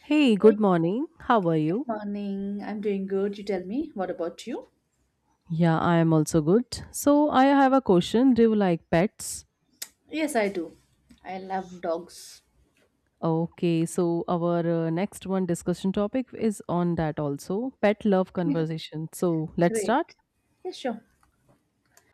Hey, good Good morning. How are you? morning. I'm doing good. You tell me, what about you? Yeah, I am also good. So, I have a question. Do you like pets? Yes, I do. I love dogs. Okay, so our next one discussion topic is on that also pet love Yeah, conversation. So, let's great. start. Yeah, sure.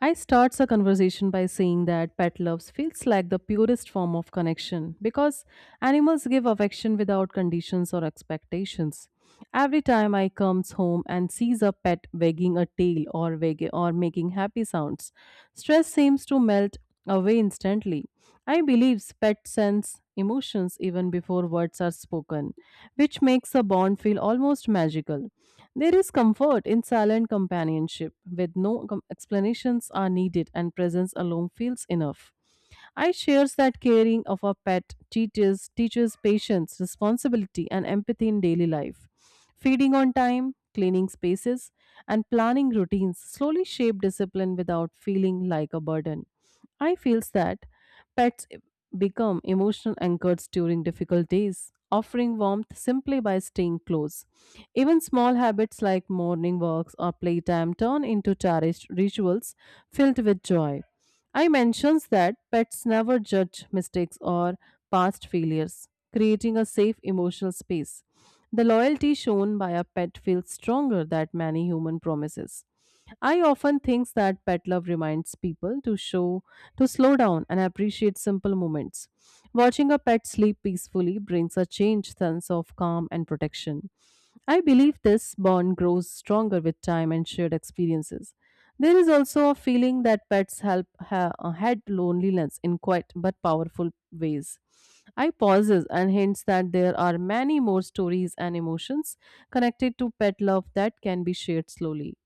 I starts a conversation by saying that pet loves feels like the purest form of connection because animals give affection without conditions or expectations. Every time I comes home and sees a pet wagging a tail or making happy sounds, stress seems to melt away instantly. I believe pets sense emotions even before words are spoken, which makes the bond feel almost magical. There is comfort in silent companionship, with no com- explanations are needed and presence alone feels enough. I shares that caring of a pet teaches patience, responsibility, and empathy in daily life. Feeding on time, cleaning spaces, and planning routines slowly shape discipline without feeling like a burden. I feels that pets become emotional anchors during difficult days, offering warmth simply by staying close. Even small habits like morning walks or playtime turn into cherished rituals filled with joy. I mentions that pets never judge mistakes or past failures, creating a safe emotional space. The loyalty shown by a pet feels stronger than many human promises. I often think that pet love reminds people to slow down and appreciate simple moments. Watching a pet sleep peacefully brings a changed sense of calm and protection. I believe this bond grows stronger with time and shared experiences. There is also a feeling that pets help head loneliness in quiet but powerful ways. I pauses and hints that there are many more stories and emotions connected to pet love that can be shared slowly.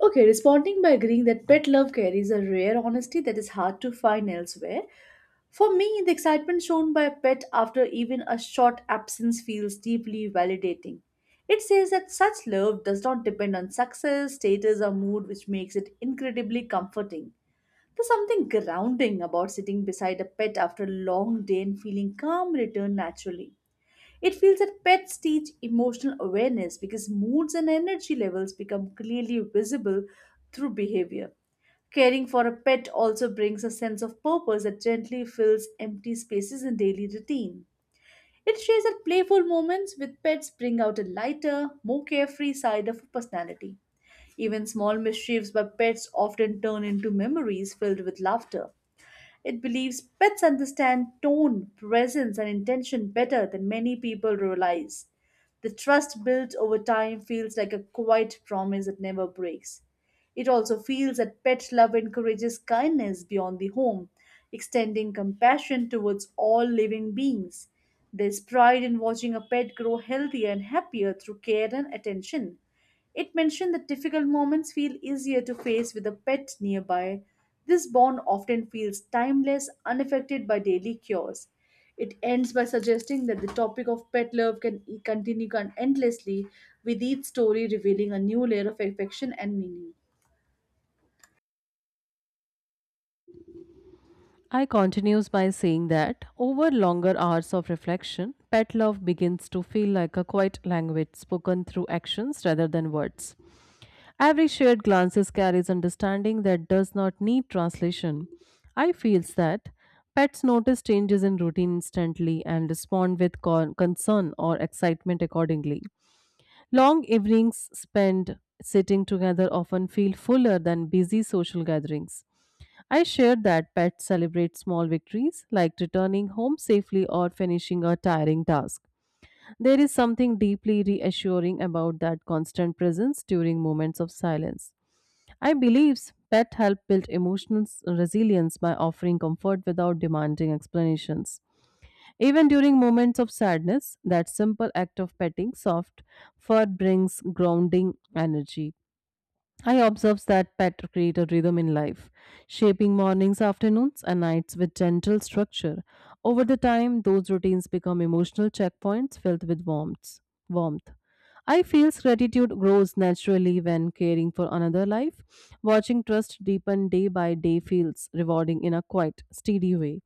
Okay, responding by agreeing that pet love carries a rare honesty that is hard to find elsewhere. For me, the excitement shown by a pet after even a short absence feels deeply validating. It says that such love does not depend on success, status, or mood, which makes it incredibly comforting. There's something grounding about sitting beside a pet after a long day and feeling calm return naturally. It feels that pets teach emotional awareness because moods and energy levels become clearly visible through behavior. Caring for a pet also brings a sense of purpose that gently fills empty spaces in daily routine. It shares that playful moments with pets bring out a lighter, more carefree side of a personality. Even small mischiefs by pets often turn into memories filled with laughter. It believes pets understand tone, presence, and intention better than many people realize. The trust built over time feels like a quiet promise that never breaks. It also feels that pet love encourages kindness beyond the home, extending compassion towards all living beings. There's pride in watching a pet grow healthier and happier through care and attention. It mentioned that difficult moments feel easier to face with a pet nearby. This bond often feels timeless, unaffected by daily cures. It ends by suggesting that the topic of pet love can continue endlessly, with each story revealing a new layer of affection and meaning. I continues by saying that over longer hours of reflection, pet love begins to feel like a quiet language spoken through actions rather than words. Every shared glances carries understanding that does not need translation. I feels that pets notice changes in routine instantly and respond with concern or excitement accordingly. Long evenings spent sitting together often feel fuller than busy social gatherings. I shared that pets celebrate small victories like returning home safely or finishing a tiring task. There is something deeply reassuring about that constant presence during moments of silence. I believe pet help build emotional resilience by offering comfort without demanding explanations. Even during moments of sadness, that simple act of petting soft fur brings grounding energy. I observe that pattern create a rhythm in life, shaping mornings, afternoons, and nights with gentle structure. Over the time, those routines become emotional checkpoints filled with warmth. Warmth. I feel gratitude grows naturally when caring for another life. Watching trust deepen day by day feels rewarding in a quiet, steady way.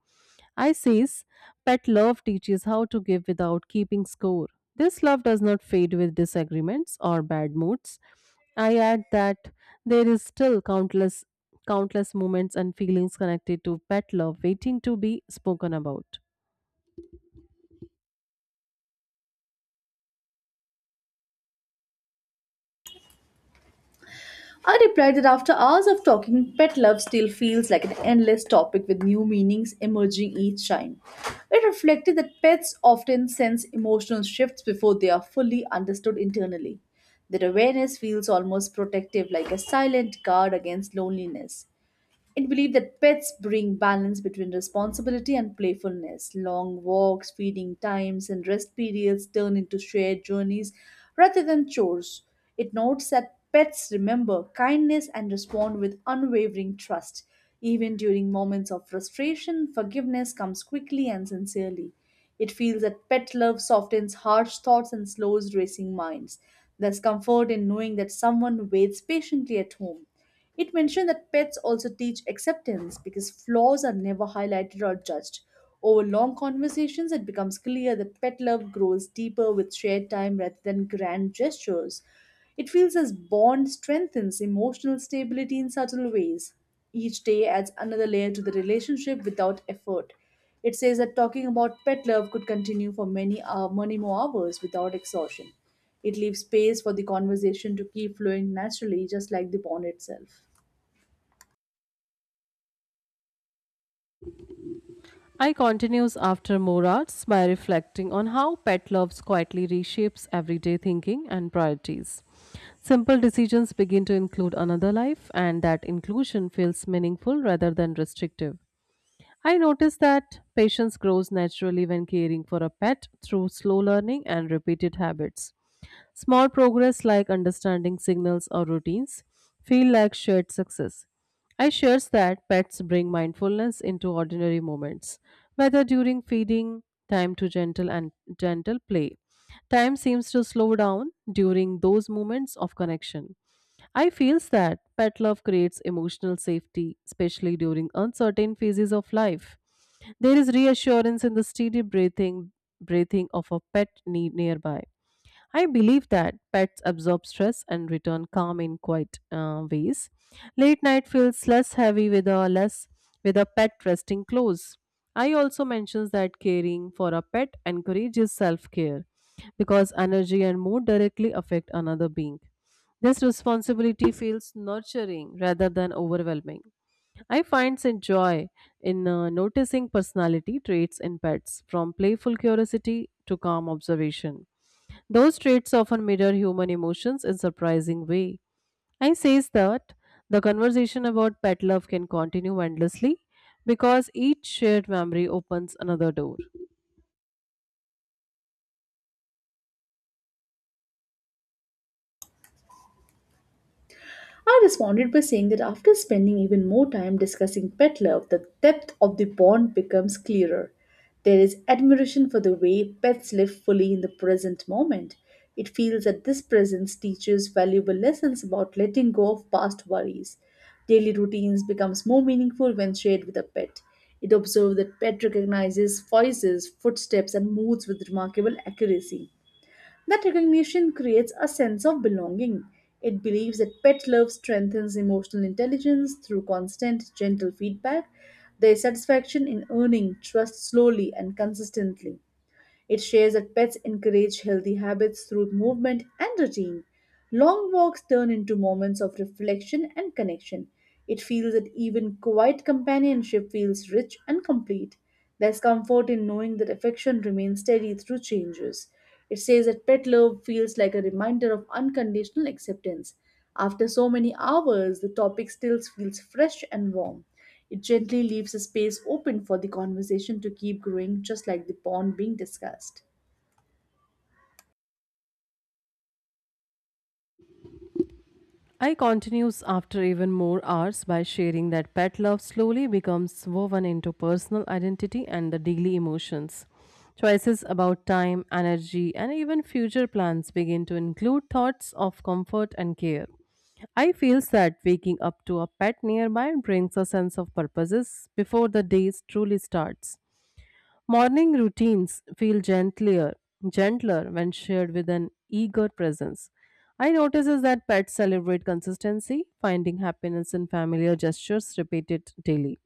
I says, pet love teaches how to give without keeping score. This love does not fade with disagreements or bad moods. I add that there is still countless moments and feelings connected to pet love waiting to be spoken about. I replied that after hours of talking, pet love still feels like an endless topic with new meanings emerging each time. It reflected that pets often sense emotional shifts before they are fully understood internally. That awareness feels almost protective, like a silent guard against loneliness. It believed that pets bring balance between responsibility and playfulness. Long walks, feeding times, and rest periods turn into shared journeys rather than chores. It notes that pets remember kindness and respond with unwavering trust. Even during moments of frustration, forgiveness comes quickly and sincerely. It feels that pet love softens harsh thoughts and slows racing minds. There's comfort in knowing that someone waits patiently at home. It mentioned that pets also teach acceptance because flaws are never highlighted or judged. Over long conversations, it becomes clear that pet love grows deeper with shared time rather than grand gestures. It feels as bond strengthens emotional stability in subtle ways. Each day adds another layer to the relationship without effort. It says that talking about pet love could continue for many more hours without exhaustion. It leaves space for the conversation to keep flowing naturally, just like the pond itself. I continues after more hours by reflecting on how pet loves quietly reshapes everyday thinking and priorities. Simple decisions begin to include another life, and that inclusion feels meaningful rather than restrictive. I noticed that patience grows naturally when caring for a pet through slow learning and repeated habits. Small progress like understanding signals or routines feel like shared success. I shares that pets bring mindfulness into ordinary moments, whether during feeding, time to gentle and gentle play. Time seems to slow down during those moments of connection. I feels that pet love creates emotional safety, especially during uncertain phases of life. There is reassurance in the steady breathing of a pet nearby. I believe that pets absorb stress and return calm in quiet ways. Late night feels less heavy with a pet resting close. I also mentions that caring for a pet encourages self-care because energy and mood directly affect another being. This responsibility feels nurturing rather than overwhelming. I find some joy in noticing personality traits in pets, from playful curiosity to calm observation. Those traits often mirror human emotions in surprising way. I says that the conversation about pet love can continue endlessly because each shared memory opens another door. I responded by saying that after spending even more time discussing pet love, the depth of the bond becomes clearer. There is admiration for the way pets live fully in the present moment. It feels that this presence teaches valuable lessons about letting go of past worries. Daily routines becomes more meaningful when shared with a pet. It observes that pet recognizes voices, footsteps, and moods with remarkable accuracy. That recognition creates a sense of belonging. It believes that pet love strengthens emotional intelligence through constant, gentle feedback. Their satisfaction in earning trust slowly and consistently. It shares that pets encourage healthy habits through movement and routine. Long walks turn into moments of reflection and connection. It feels that even quiet companionship feels rich and complete. There's comfort in knowing that affection remains steady through changes. It says that pet love feels like a reminder of unconditional acceptance. After so many hours, the topic still feels fresh and warm. It gently leaves a space open for the conversation to keep growing, just like the bond being discussed. I continues after even more hours by sharing that pet love slowly becomes woven into personal identity and the daily emotions. Choices about time, energy, and even future plans begin to include thoughts of comfort and care. I feel that waking up to a pet nearby brings a sense of purposes before the day truly starts. Morning routines feel gentler when shared with an eager presence. I notice is that pets celebrate consistency, finding happiness in familiar gestures repeated daily.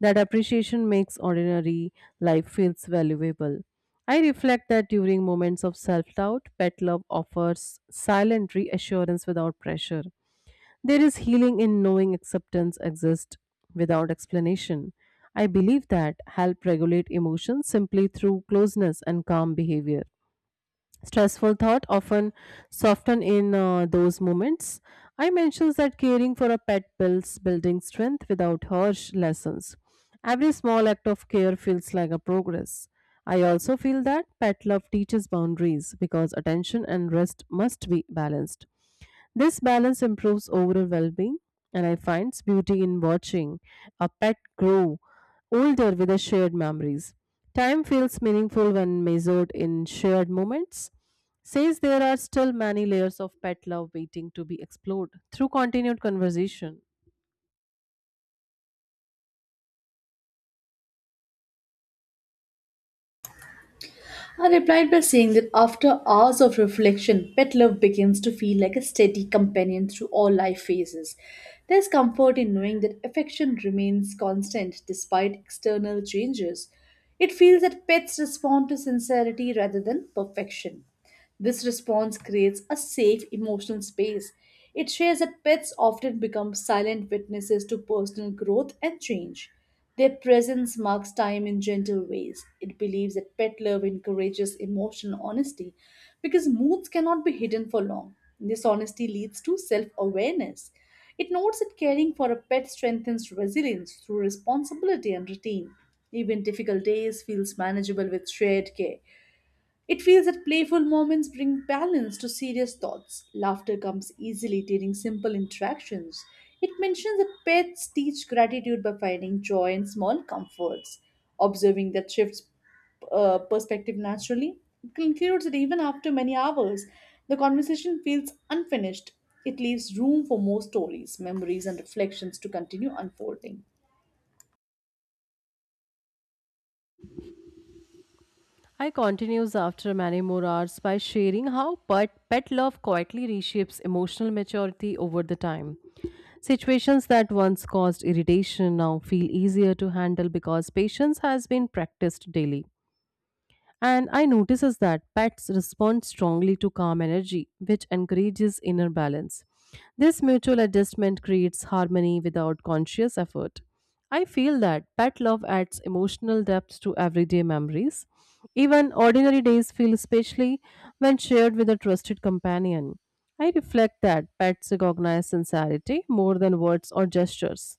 That appreciation makes ordinary life feels valuable. I reflect that during moments of self doubt, pet love offers silent reassurance without pressure. There is healing in knowing acceptance exists without explanation. I believe that help regulate emotions simply through closeness and calm behavior. Stressful thought often soften in those moments. I mentions that caring for a pet builds building strength without harsh lessons. Every small act of care feels like a progress. I also feel that pet love teaches boundaries because attention and rest must be balanced. This balance improves overall well being, and I find beauty in watching a pet grow older with the shared memories. Time feels meaningful when measured in shared moments. Says there are still many layers of pet love waiting to be explored through continued conversation. I replied by saying that after hours of reflection, pet love begins to feel like a steady companion through all life phases. There's comfort in knowing that affection remains constant despite external changes. It feels that pets respond to sincerity rather than perfection. This response creates a safe emotional space. It shares that pets often become silent witnesses to personal growth and change. Their presence marks time in gentle ways. It believes that pet love encourages emotional honesty because moods cannot be hidden for long. This honesty leads to self awareness. It notes that caring for a pet strengthens resilience through responsibility and routine. Even difficult days feels manageable with shared care. It feels that playful moments bring balance to serious thoughts. Laughter comes easily during simple interactions. It mentions that pets teach gratitude by finding joy in small comforts. Observing that shifts perspective naturally. It concludes that even after many hours, the conversation feels unfinished. It leaves room for more stories, memories, and reflections to continue unfolding. I continues after many more hours by sharing how pet love quietly reshapes emotional maturity over the time. Situations that once caused irritation now feel easier to handle because patience has been practiced daily. And I notices that pets respond strongly to calm energy, which encourages inner balance. This mutual adjustment creates harmony without conscious effort. I feel that pet love adds emotional depth to everyday memories. Even ordinary days feel especially when shared with a trusted companion. I reflect that pets recognize sincerity more than words or gestures.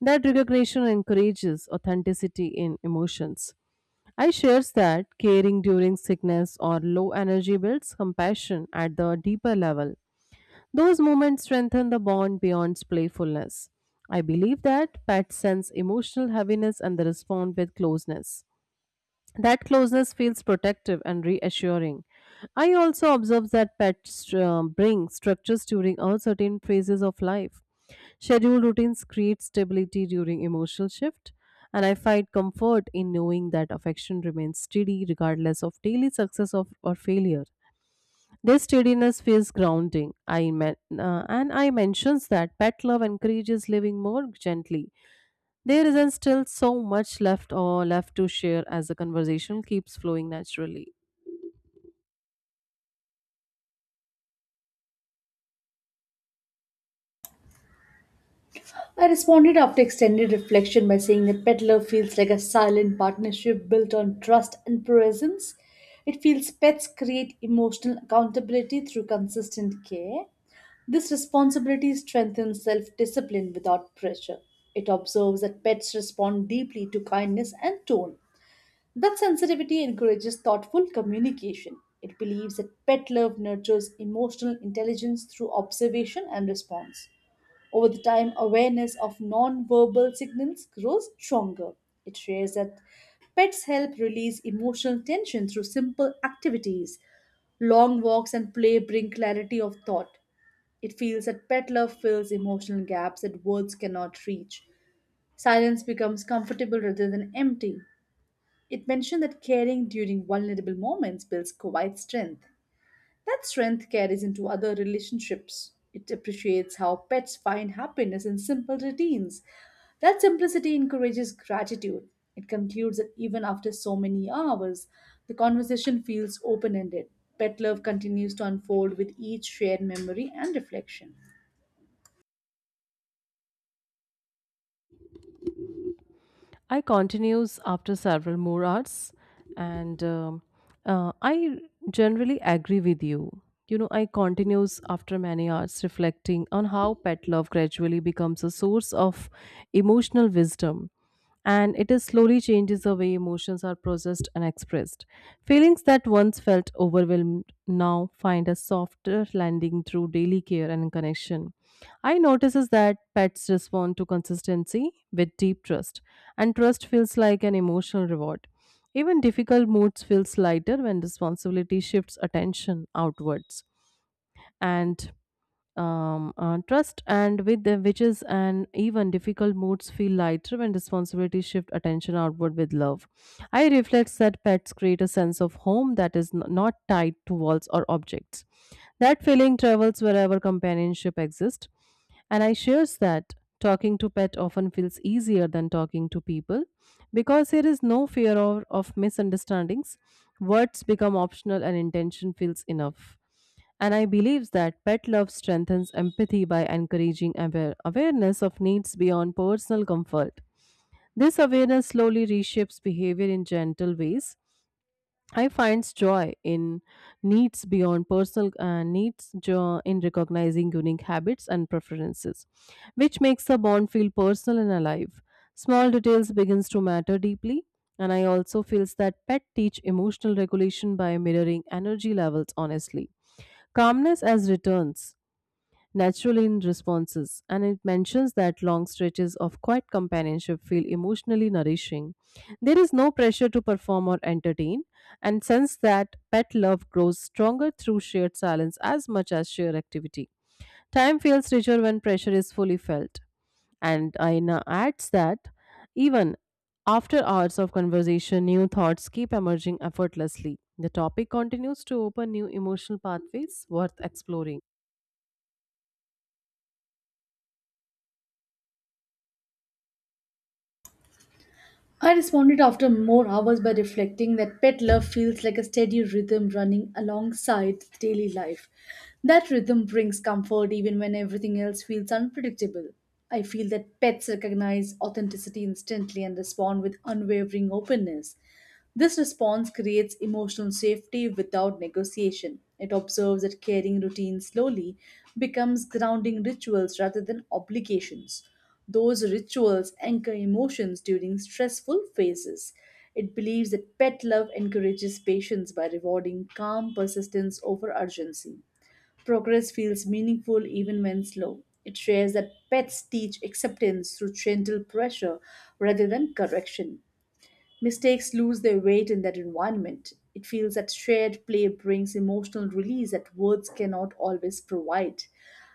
That recognition encourages authenticity in emotions. I shares that caring during sickness or low energy builds compassion at the deeper level. Those moments strengthen the bond beyond playfulness. I believe that pets sense emotional heaviness and they respond with closeness. That closeness feels protective and reassuring. I also observe that pets bring structures during all certain phases of life. Scheduled routines create stability during emotional shift, and I find comfort in knowing that affection remains steady regardless of daily success or failure. This steadiness feels grounding. And I mentions that pet love encourages living more gently there isn't still so much left to share as the conversation keeps flowing naturally. I responded after extended reflection by saying that Peddler feels like a silent partnership built on trust and presence. It feels pets create emotional accountability through consistent care. This responsibility strengthens self discipline without pressure. It observes that pets respond deeply to kindness and tone. That sensitivity encourages thoughtful communication. It believes that pet love nurtures emotional intelligence through observation and response. Over the time, awareness of non-verbal signals grows stronger. It shares that pets help release emotional tension through simple activities. Long walks and play bring clarity of thought. It feels that pet love fills emotional gaps that words cannot reach. Silence becomes comfortable rather than empty. It mentioned that caring during vulnerable moments builds quiet strength. That strength carries into other relationships. It appreciates how pets find happiness in simple routines. That simplicity encourages gratitude. It concludes that even after so many hours, the conversation feels open ended. Pet love continues to unfold with each shared memory and reflection. I continues after several more hours, and I generally agree with you. You know, I continues after many hours reflecting on how pet love gradually becomes a source of emotional wisdom, and it is slowly changes the way emotions are processed and expressed. Feelings that once felt overwhelmed now find a softer landing through daily care and connection. I notices that pets respond to consistency with deep trust, and trust feels like an emotional reward. Even difficult moods feels lighter when responsibility shifts attention outwards, and trust and with the witches and even difficult moods feel lighter when responsibility shift attention outward with love. I reflects that pets create a sense of home that is not tied to walls or objects. That feeling travels wherever companionship exists and I shares that talking to pet often feels easier than talking to people because there is no fear of misunderstandings. Words become optional and intention feels enough. And I believe that pet love strengthens empathy by encouraging awareness of needs beyond personal comfort. This awareness slowly reshapes behavior in gentle ways I finds joy in needs beyond personal needs, joy in recognizing unique habits and preferences, which makes the bond feel personal and alive. Small details begins to matter deeply, and I also feels that pet teach emotional regulation by mirroring energy levels honestly. Calmness as returns naturally in responses, and it mentions that long stretches of quiet companionship feel emotionally nourishing. There is no pressure to perform or entertain, and sense that pet love grows stronger through shared silence as much as shared activity. Time feels richer when pressure is fully felt. And Aina adds that even after hours of conversation, new thoughts keep emerging effortlessly. The topic continues to open new emotional pathways worth exploring. I responded after more hours by reflecting that pet love feels like a steady rhythm running alongside daily life. That rhythm brings comfort even when everything else feels unpredictable. I feel that pets recognize authenticity instantly and respond with unwavering openness. This response creates emotional safety without negotiation. It observes that caring routines slowly becomes grounding rituals rather than obligations. Those rituals anchor emotions during stressful phases. It believes that pet love encourages patience by rewarding calm persistence over urgency. Progress feels meaningful even when slow. It shares that pets teach acceptance through gentle pressure rather than correction. Mistakes lose their weight in that environment. It feels that shared play brings emotional release that words cannot always provide.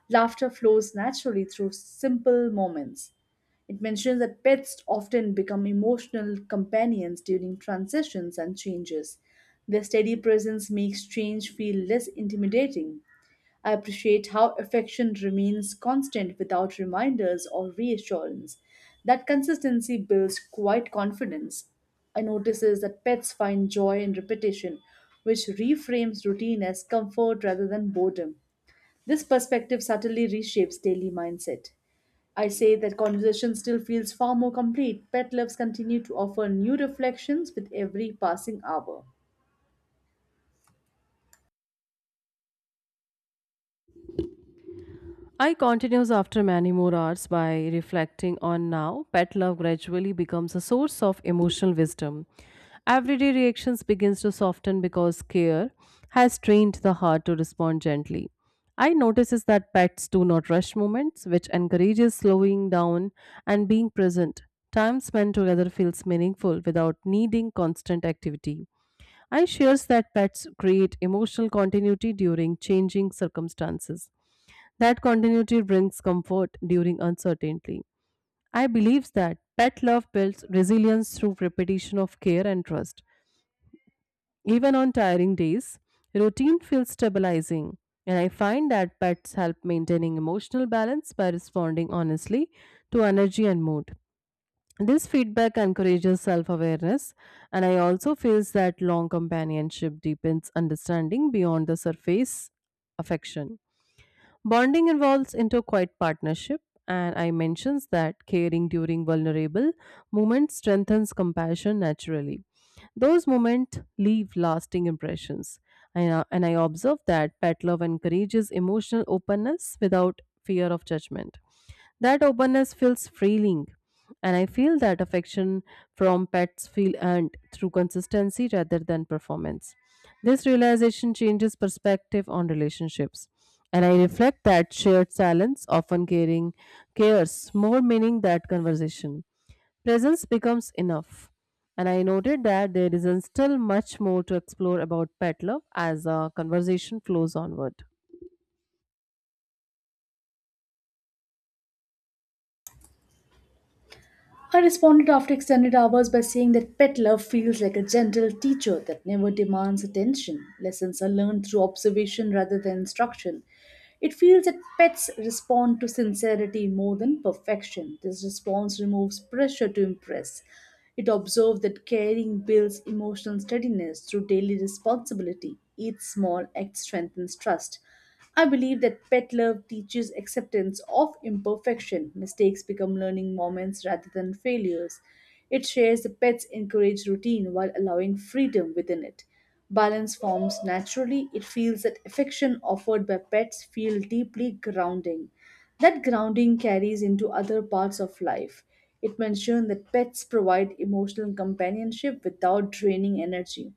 Laughter flows naturally through simple moments. It mentions that pets often become emotional companions during transitions and changes. Their steady presence makes change feel less intimidating. I appreciate how affection remains constant without reminders or reassurance. That consistency builds quiet confidence. I notices that pets find joy in repetition, which reframes routine as comfort rather than boredom. This perspective subtly reshapes daily mindset. I say that conversation still feels far more complete. Pet loves continue to offer new reflections with every passing hour. I continues after many more hours by reflecting on now. Pet love gradually becomes a source of emotional wisdom. Everyday reactions begins to soften because care has trained the heart to respond gently. I notices that pets do not rush moments, which encourages slowing down and being present. Time spent together feels meaningful without needing constant activity. I shares that pets create emotional continuity during changing circumstances. That continuity brings comfort during uncertainty. I believe that pet love builds resilience through repetition of care and trust. Even on tiring days, routine feels stabilizing, and I find that pets help maintaining emotional balance by responding honestly to energy and mood. This feedback encourages self awareness, and I also feel that long companionship deepens understanding beyond the surface affection. Bonding involves interquite partnership, and I mentions that caring during vulnerable moments strengthens compassion naturally. Those moments leave lasting impressions. And I observe that pet love encourages emotional openness without fear of judgment. That openness feels freeing, and I feel that affection from pets feel earned through consistency rather than performance. This realization changes perspective on relationships, and I reflect that shared silence often caring cares more meaning that conversation. Presence becomes enough. And I noted that there is still much more to explore about pet love as a conversation flows onward. I responded after extended hours by saying that pet love feels like a gentle teacher that never demands attention. Lessons are learned through observation rather than instruction. It feels that pets respond to sincerity more than perfection. This response removes pressure to impress. It observed that caring builds emotional steadiness through daily responsibility. Each small act strengthens trust. I believe that pet love teaches acceptance of imperfection. Mistakes become learning moments rather than failures. It shares the pet's encouraged routine while allowing freedom within it. Balance forms naturally. It feels that affection offered by pets feel deeply grounding. That grounding carries into other parts of life. It mentioned that pets provide emotional companionship without draining energy.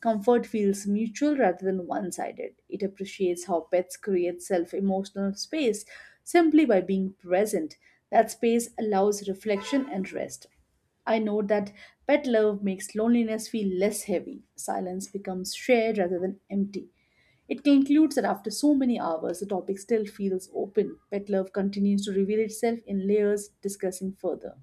Comfort feels mutual rather than one sided. It appreciates how pets create self emotional space simply by being present. That space allows reflection and rest. I know that pet love makes loneliness feel less heavy. Silence becomes shared rather than empty. It concludes that after so many hours, the topic still feels open. Pet love continues to reveal itself in layers discussing further.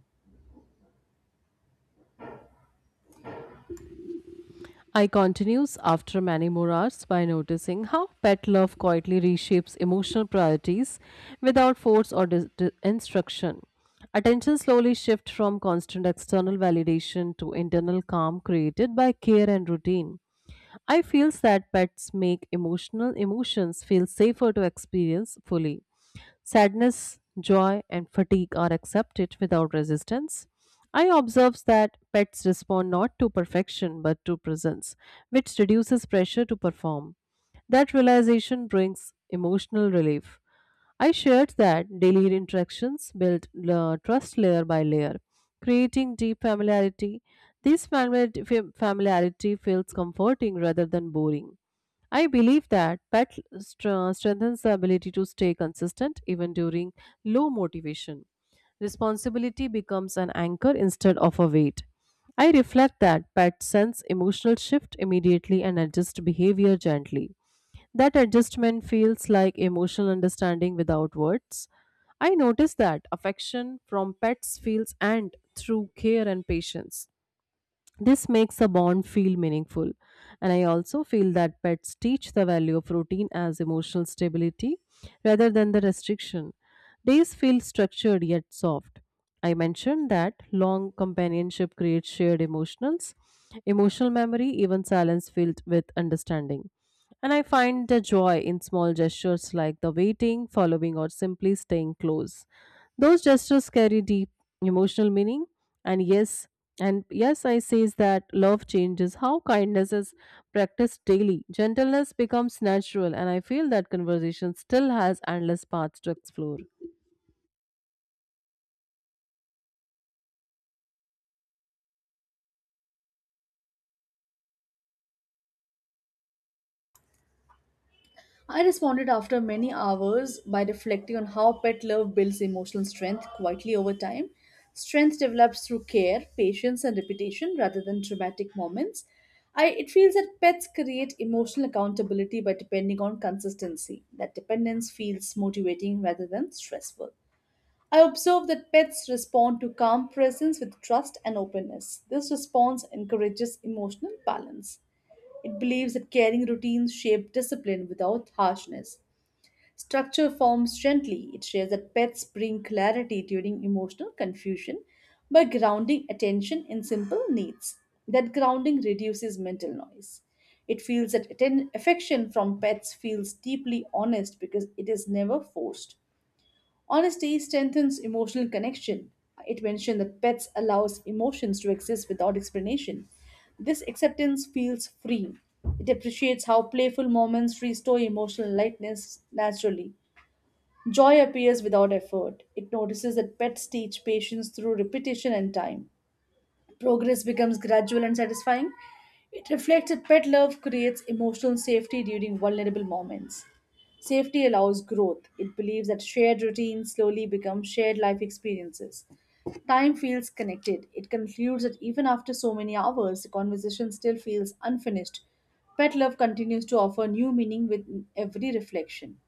I continues after many more hours by noticing how pet love quietly reshapes emotional priorities without force or instruction. Attention slowly shifts from constant external validation to internal calm created by care and routine. I feel that pets make emotional emotions feel safer to experience fully. Sadness, joy, and fatigue are accepted without resistance. I observe that pets respond not to perfection but to presence, which reduces pressure to perform. That realization brings emotional relief. I shared that daily interactions build trust layer by layer, creating deep familiarity. This familiarity feels comforting rather than boring. I believe that pet strengthens the ability to stay consistent even during low motivation. Responsibility becomes an anchor instead of a weight. I reflect that pet sense emotional shift immediately and adjust behavior gently. That adjustment feels like emotional understanding without words. I notice that affection from pets feels earned through care and patience. This makes a bond feel meaningful. And I also feel that pets teach the value of routine as emotional stability rather than the restriction. Days feel structured yet soft. I mentioned that long companionship creates emotional memory, even silence filled with understanding. And I find the joy in small gestures like the waiting, following, or simply staying close. Those gestures carry deep emotional meaning, and yes, and yes, I says that love changes how kindness is practiced daily. Gentleness becomes natural, and I feel that conversation still has endless paths to explore. I responded after many hours by reflecting on how pet love builds emotional strength quietly over time. Strength develops through care, patience, and repetition rather than dramatic moments. It feels that pets create emotional accountability by depending on consistency. That dependence feels motivating rather than stressful. I observe that pets respond to calm presence with trust and openness. This response encourages emotional balance. It believes that caring routines shape discipline without harshness. Structure forms gently. It shares that pets bring clarity during emotional confusion by grounding attention in simple needs. That grounding reduces mental noise. It feels that affection from pets feels deeply honest because it is never forced. Honesty strengthens emotional connection. It mentioned that pets allows emotions to exist without explanation. This acceptance feels free. It appreciates how playful moments restore emotional lightness naturally. Joy appears without effort. It notices that pets teach patience through repetition and time. Progress becomes gradual and satisfying. It reflects that pet love creates emotional safety during vulnerable moments. Safety allows growth. It believes that shared routines slowly become shared life experiences. Time feels connected. It concludes that even after so many hours, the conversation still feels unfinished. Pet love continues to offer new meaning with every reflection.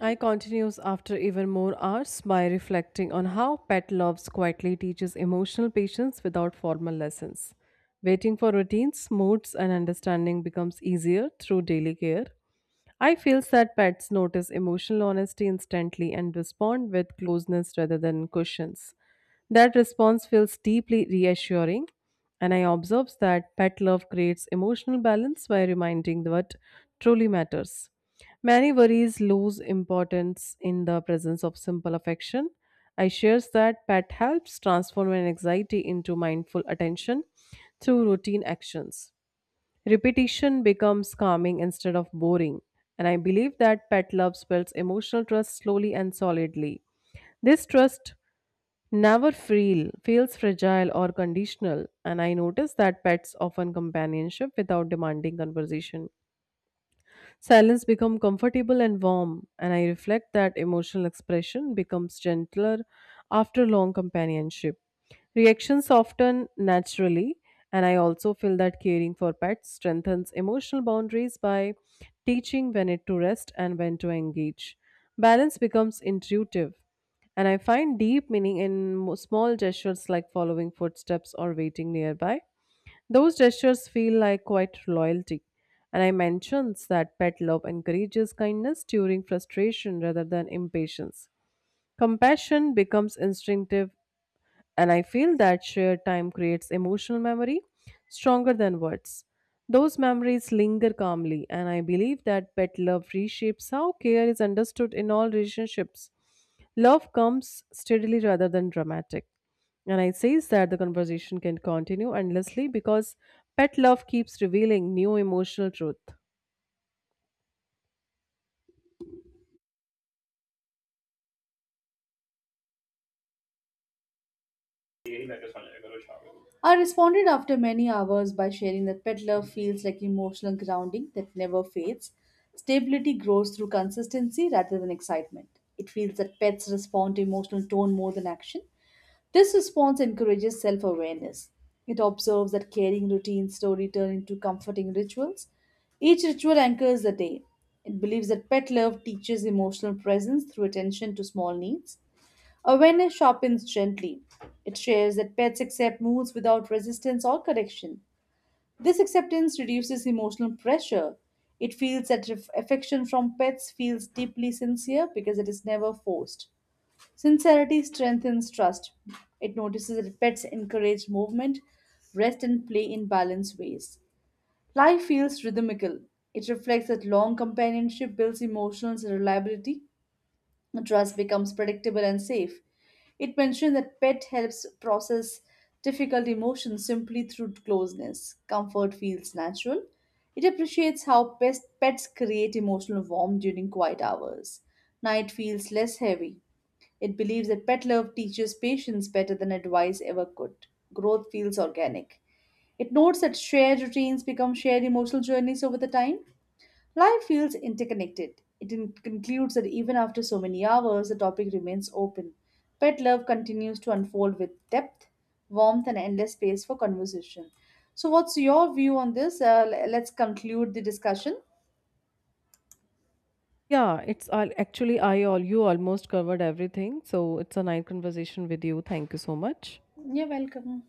I continues after even more hours by reflecting on how pet loves quietly teaches emotional patience without formal lessons. Waiting for routines, moods, and understanding becomes easier through daily care. I feel that pets notice emotional honesty instantly and respond with closeness rather than cushions. That response feels deeply reassuring, and I observe that pet love creates emotional balance by reminding what truly matters. Many worries lose importance in the presence of simple affection. I shares that pet helps transform an anxiety into mindful attention through routine actions. Repetition becomes calming instead of boring, and I believe that pet love builds emotional trust slowly and solidly. This trust never feel feels fragile or conditional, and I notice that pets often companionship without demanding conversation. Silence becomes comfortable and warm, and I reflect that emotional expression becomes gentler after long companionship. Reactions soften naturally, and I also feel that caring for pets strengthens emotional boundaries by teaching when it to rest and when to engage. Balance becomes intuitive, and I find deep meaning in small gestures like following footsteps or waiting nearby. Those gestures feel like quite loyalty. And I mentions that pet love encourages kindness during frustration rather than impatience. Compassion becomes instinctive and I feel that shared time creates emotional memory stronger than words. Those memories linger calmly, and I believe that pet love reshapes how care is understood in all relationships. Love comes steadily rather than dramatic. And I says that the conversation can continue endlessly because pet love keeps revealing new emotional truth. I responded after many hours by sharing that Peddler feels like emotional grounding that never fades. Stability grows through consistency rather than excitement. It feels that pets respond to emotional tone more than action. This response encourages self awareness. It observes that caring routines slowly turn into comforting rituals. Each ritual anchors the day. It believes that pet love teaches emotional presence through attention to small needs. Awareness sharpens gently. It shares that pets accept moods without resistance or correction. This acceptance reduces emotional pressure. It feels that affection from pets feels deeply sincere because it is never forced. Sincerity strengthens trust. It notices that pets encourage movement, rest, and play in balanced ways. Life feels rhythmical. It reflects that long companionship builds emotional reliability, and trust becomes predictable and safe. It mentions that pet helps process difficult emotions simply through closeness. Comfort feels natural. It appreciates how pets create emotional warmth during quiet hours. Night feels less heavy. It believes that pet love teaches patience better than advice ever could. Growth feels organic. It notes that shared routines become shared emotional journeys over the time. Life feels interconnected. It concludes that even after so many hours, the topic remains open. Pet love continues to unfold with depth, warmth, and endless space for conversation. So, what's your view on this? Let's conclude the discussion. Yeah, it's all actually I all you almost covered everything. So it's a nice conversation with you. Thank you so much. You're welcome.